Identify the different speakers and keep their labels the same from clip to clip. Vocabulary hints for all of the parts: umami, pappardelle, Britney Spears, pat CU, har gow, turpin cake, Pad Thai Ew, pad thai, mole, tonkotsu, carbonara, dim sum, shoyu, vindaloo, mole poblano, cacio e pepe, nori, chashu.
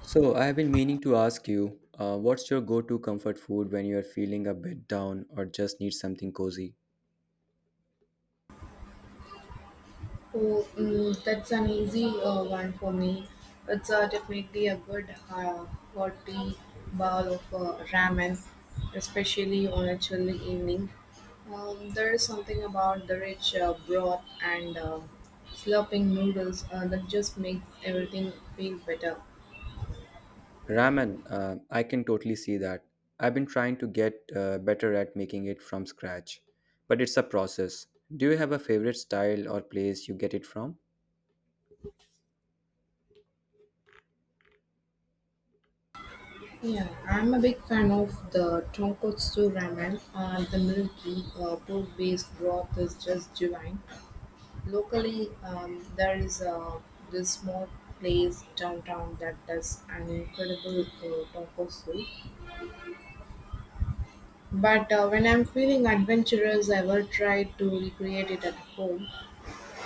Speaker 1: So, I have been meaning to ask you, what's your go-to comfort food when you're feeling a bit down or just need something cozy?
Speaker 2: Oh, mm, that's an easy one for me. It's definitely a good hearty bowl of ramen, especially on a chilly evening. There is something about the rich broth and slurping noodles that just makes everything feel better.
Speaker 1: Ramen, I can totally see that. I've been trying to get better at making it from scratch, but it's a process. Do you have a favorite style or place you get it from?
Speaker 2: Yeah, I'm a big fan of the tonkotsu ramen. The milky pork-based broth is just divine. Locally, there is this small place downtown that does an incredible taco soup. But when I'm feeling adventurous, I will try to recreate it at home.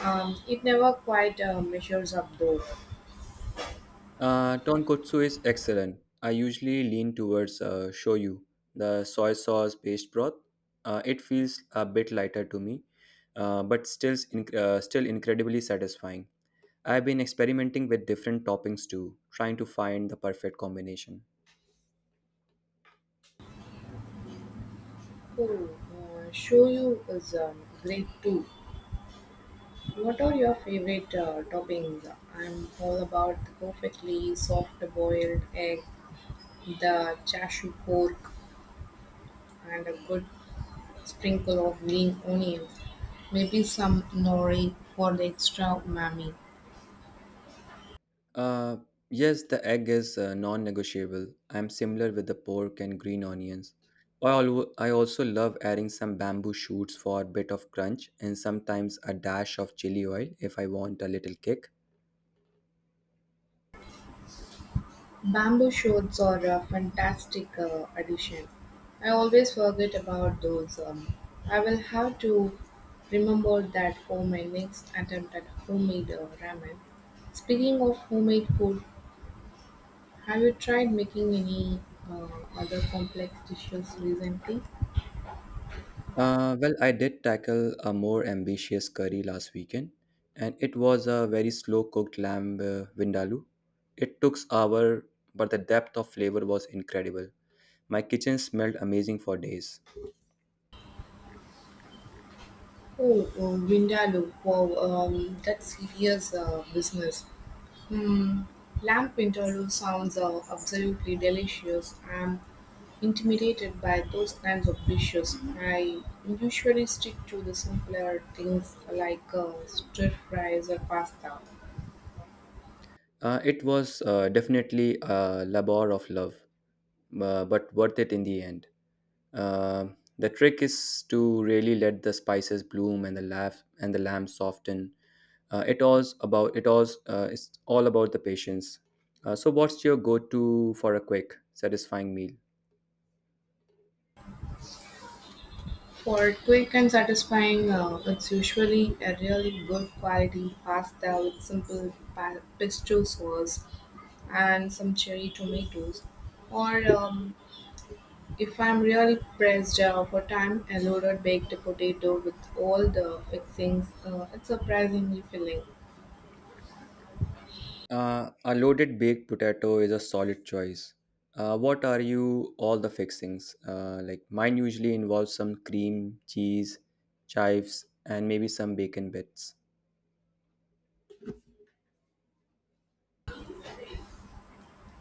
Speaker 2: It never quite measures up though.
Speaker 1: Tonkotsu is excellent. I usually lean towards shoyu, the soy sauce based broth. It feels a bit lighter to me, but still, still incredibly satisfying. I've been experimenting with different toppings too, trying to find the perfect combination.
Speaker 2: Oh, shoyu is great too. What are your favorite toppings? I'm all about the perfectly soft boiled egg, the chashu pork, and a good Sprinkle of green onions, maybe some nori for the extra umami.
Speaker 1: Uh, yes, the egg is non-negotiable. I'm similar with the pork and green onions. I also love adding some bamboo shoots for a bit of crunch and sometimes a dash of chili oil if I want a little kick.
Speaker 2: Bamboo shoots are a fantastic addition. I always forget about those. I will have to remember that for my next attempt at homemade ramen. Speaking of homemade food, have you tried making any uh, other complex dishes recently?
Speaker 1: I did tackle a more ambitious curry last weekend, and it was a very slow-cooked lamb vindaloo. It took hours, but the depth of flavor was incredible. My kitchen smelled amazing for days.
Speaker 2: Oh, oh vindaloo! Wow, that's serious business. Mm, lamb vindaloo sounds absolutely delicious. I'm intimidated by those kinds of dishes. I usually stick to the simpler things like stir fries or pasta.
Speaker 1: It was definitely a labor of love, but worth it in the end. Uh, the trick is to really let the spices bloom and the laugh and the lamb soften. It's all about the patience. So, what's your go-to for a quick, satisfying meal?
Speaker 2: For quick and satisfying, it's usually a really good quality pasta with simple pesto sauce and some cherry tomatoes, or um, if I'm really pressed for time, a loaded baked potato with all the fixings, it's surprisingly filling.
Speaker 1: A loaded baked potato is a solid choice. What are you all the fixings? Like mine usually involves some cream, cheese, chives, and maybe some bacon bits.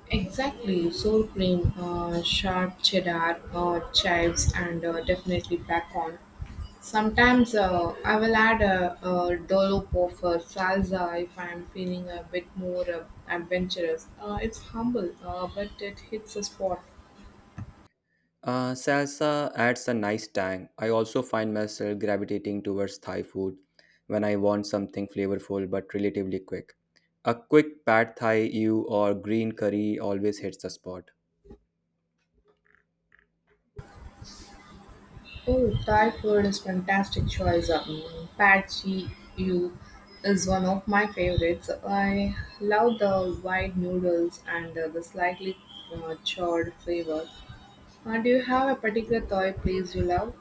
Speaker 2: Exactly, sour cream, sharp cheddar, chives, and definitely bacon. Sometimes I will add a dollop of salsa if I am feeling a bit more adventurous. It's humble, but it hits a spot.
Speaker 1: Salsa adds a nice tang. I also find myself gravitating towards Thai food when I want something flavorful but relatively quick. A quick pad thai ew or green curry always hits the spot.
Speaker 2: Oh, Thai food is fantastic choice. Pad Thai Ew is one of my favorites. I love the white noodles and the slightly charred flavor. Do you have a particular Thai place you love?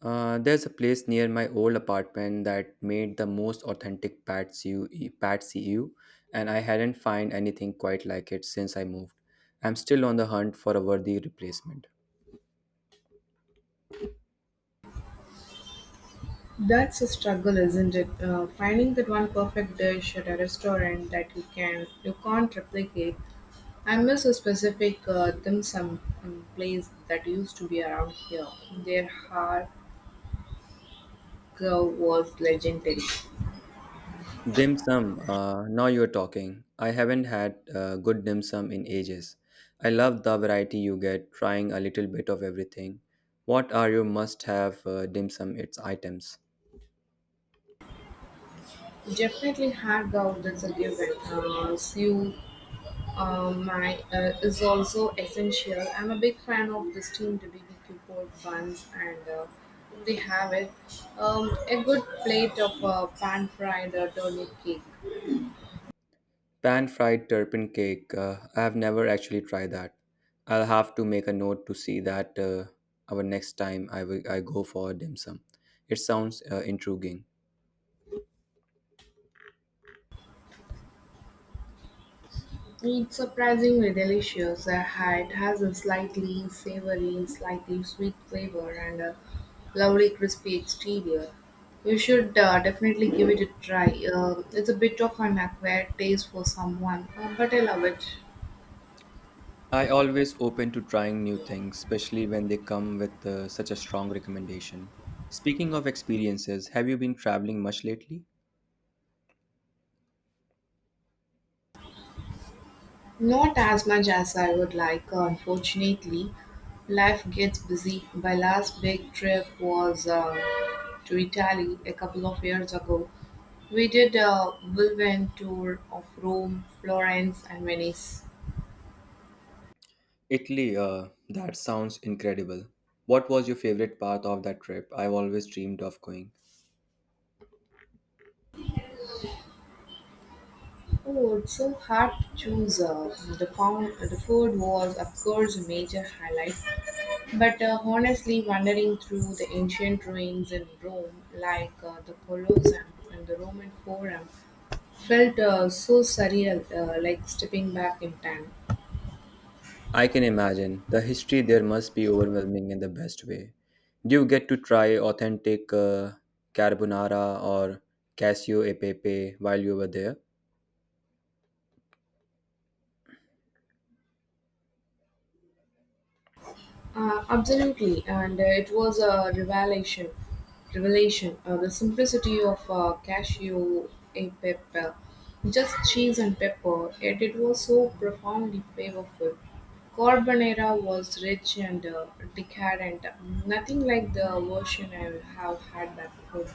Speaker 1: There's a place near my old apartment that made the most authentic pat CU, and I hadn't find anything quite like it since I moved. I'm still on the hunt for a worthy replacement.
Speaker 2: That's a struggle, isn't it? Finding that one perfect dish at a restaurant that you can't replicate. I miss a specific dim sum place that used to be around here. Their har gow was legendary.
Speaker 1: Dim sum. Now you're talking. I haven't had good dim sum in ages. I love the variety you get, trying a little bit of everything. What are your must-have dim sum its items?
Speaker 2: Definitely hard growth that's a given. Sue my is also essential. I'm a big fan of the steamed BBQ pork buns, and they have it, a good plate of pan-fried turnip cake.
Speaker 1: Pan fried turpin cake. I have never actually tried that. I'll have to make a note to see that our next time I will I go for a dim sum. It sounds intriguing.
Speaker 2: It's surprisingly delicious. It has a slightly savory, slightly sweet flavor and a lovely crispy exterior. You should definitely give it a try. It's a bit of an acquired taste for someone, but I love it.
Speaker 1: I always open to trying new things, especially when they come with such a strong recommendation. Speaking of experiences, have you been traveling much lately?
Speaker 2: Not as much as I would like, unfortunately. Life gets busy. My last big trip was to Italy a couple of years ago. We did a whirlwind tour of Rome, Florence, and Venice.
Speaker 1: Italy, that sounds incredible. What was your favorite part of that trip? I've always dreamed of going.
Speaker 2: Oh, it's so hard to choose. The food was, of course, a major highlight. But honestly, wandering through the ancient ruins in Rome, like the Colosseum and the Roman Forum, felt so surreal, like stepping back in time.
Speaker 1: I can imagine. The history there must be overwhelming in the best way. Do you get to try authentic carbonara or casio e pepe while you were there?
Speaker 2: Absolutely, and it was a revelation. The simplicity of cashew, a pepper, just cheese and pepper, yet it was so profoundly flavorful. Carbonara was rich and decadent, nothing like the version I have had back home.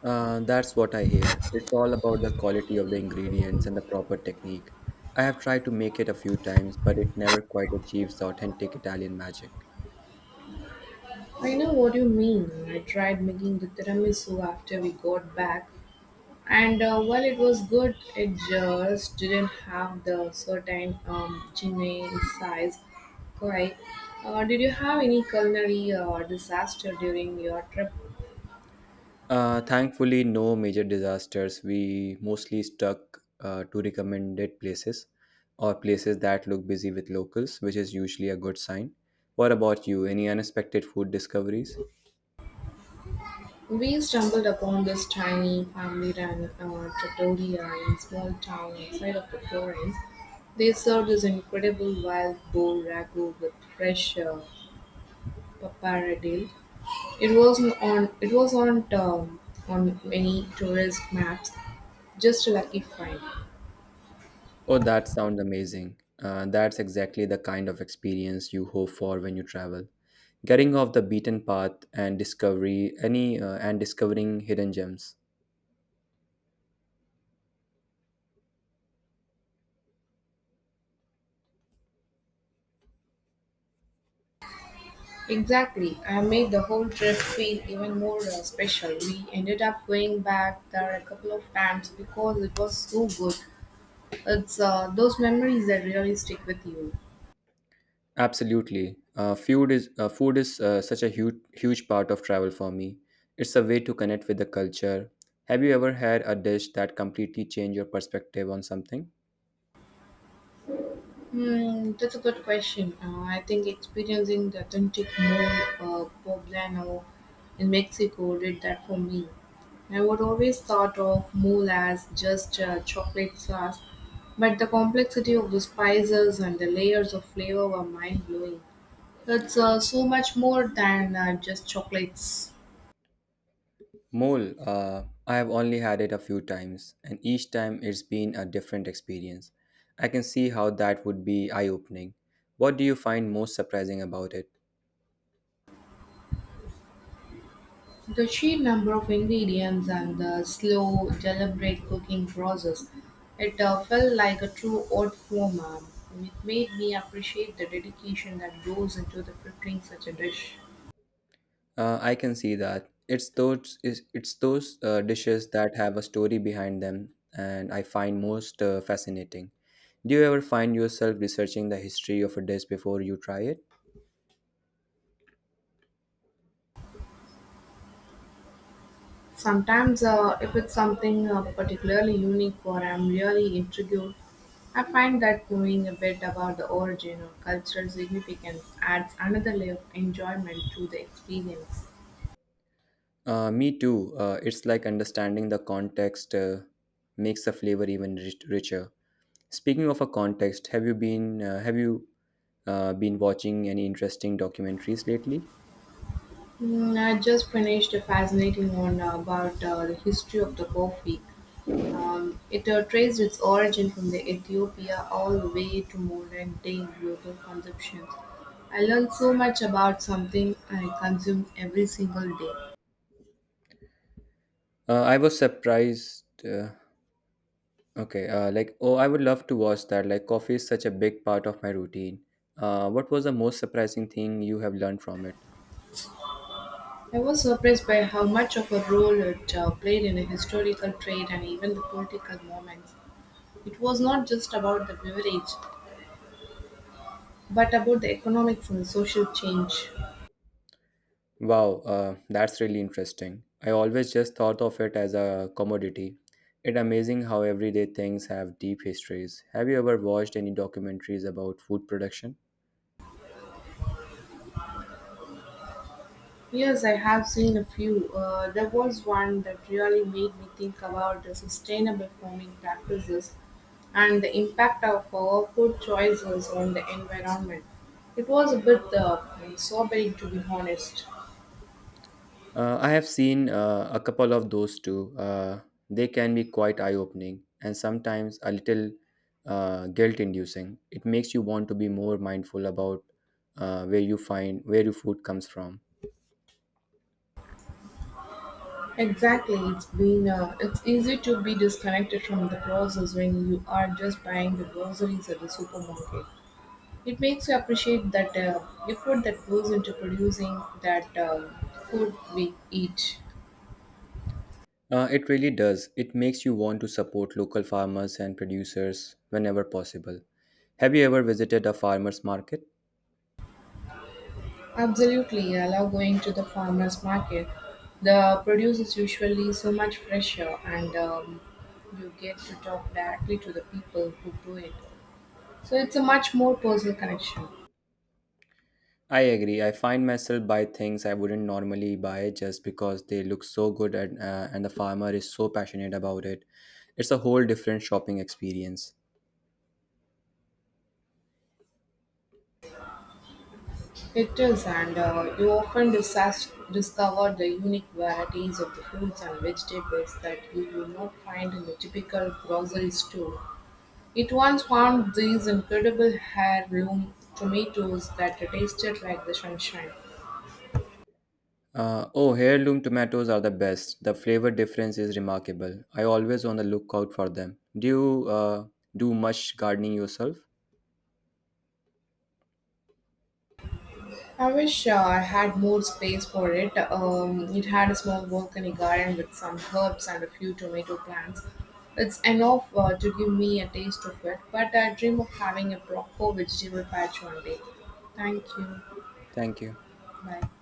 Speaker 1: That's what I hear. It's all about the quality of the ingredients and the proper technique. I have tried to make it a few times, but it never quite achieves the authentic Italian magic.
Speaker 2: I know what you mean. I tried making the tiramisu after we got back, and while it was good, it just didn't have the certain genuine size quite. Did you have any culinary disaster during your trip?
Speaker 1: Thankfully, no major disasters. We mostly stuck to recommended places or places that look busy with locals, which is usually a good sign. What about you? Any unexpected food discoveries?
Speaker 2: We stumbled upon this tiny family-run trattoria in a small town outside of the Florence. They served this incredible wild boar ragu with fresh pappardelle. It wasn't on. It was on, on many tourist maps. Just a lucky find.
Speaker 1: Oh, that sounds amazing. That's exactly the kind of experience you hope for when you travel. Getting off the beaten path and discovery any and discovering hidden gems.
Speaker 2: Exactly. I made the whole trip feel even more special. We ended up going back there a couple of times because it was so good. It's those memories that really stick with you.
Speaker 1: Absolutely. Food is such a huge part of travel for me. It's a way to connect with the culture. Have you ever had a dish that completely changed your perspective on something?
Speaker 2: Hmm, that's a good question. I think experiencing the authentic mole poblano in Mexico did that for me. I would always thought of mole as just chocolate sauce, but the complexity of the spices and the layers of flavor were mind blowing. It's so much more than just chocolates.
Speaker 1: Mole, I have only had it a few times, and each time it's been a different experience. I can see how that would be eye-opening. What do you find most surprising about it?
Speaker 2: The sheer number of ingredients and the slow, deliberate cooking process, it felt like a true art form. It made me appreciate the dedication that goes into the preparing such a dish.
Speaker 1: I can see that it's those is It's those dishes that have a story behind them, and I find most fascinating. Do you ever find yourself researching the history of a dish before you try it?
Speaker 2: Sometimes, if it's something particularly unique or I'm really intrigued, I find that knowing a bit about the origin or cultural significance adds another layer of enjoyment to the experience.
Speaker 1: Me too. It's like understanding the context makes the flavor even richer. Speaking of a context, have you been watching any interesting documentaries lately?
Speaker 2: Mm, I just finished a fascinating one about the history of the coffee. It traced its origin from the Ethiopia all the way to modern day global consumption. I learned so much about something I consume every single day.
Speaker 1: I was surprised. Okay, oh, I would love to watch that. Like coffee is such a big part of my routine. What was the most surprising thing you have learned from it?
Speaker 2: I was surprised by how much of a role it played in the historical trade and even the political moments. It was not just about the beverage, but about the economics and social change.
Speaker 1: Wow, that's really interesting. I always just thought of it as a commodity. It's amazing how everyday things have deep histories. Have you ever watched any documentaries about food production?
Speaker 2: Yes, I have seen a few. There was one that really made me think about the sustainable farming practices and the impact of our food choices on the environment. It was a bit sobering, to be honest.
Speaker 1: I have seen a couple of those too. They can be quite eye opening and sometimes a little guilt inducing. It makes you want to be more mindful about where your food comes from.
Speaker 2: Exactly, it's easy to be disconnected from the process when you are just buying the groceries at the supermarket. It makes you appreciate that effort that goes into producing that food we eat.
Speaker 1: It really does. It makes you want to support local farmers and producers whenever possible. Have you ever visited a farmer's market?
Speaker 2: Absolutely, I love going to the farmers market. The produce is usually so much fresher, and you get to talk directly to the people who grow it. So it's a much more personal connection.
Speaker 1: I agree. I find myself buy things I wouldn't normally buy just because they look so good and, and the farmer is so passionate about it. It's a whole different shopping experience.
Speaker 2: It is, and you often discover the unique varieties of the fruits and vegetables that you will not find in the typical grocery store. It once found these incredible heirloom tomatoes that tasted like the sunshine.
Speaker 1: Oh, heirloom tomatoes are the best. The flavor difference is remarkable. I always on the lookout for them. Do you do much gardening yourself?
Speaker 2: I wish I had more space for it. It had a small balcony garden with some herbs and a few tomato plants. It's enough to give me a taste of it, but I dream of having a proper vegetable patch one day. Thank you.
Speaker 1: Thank you.
Speaker 2: Bye.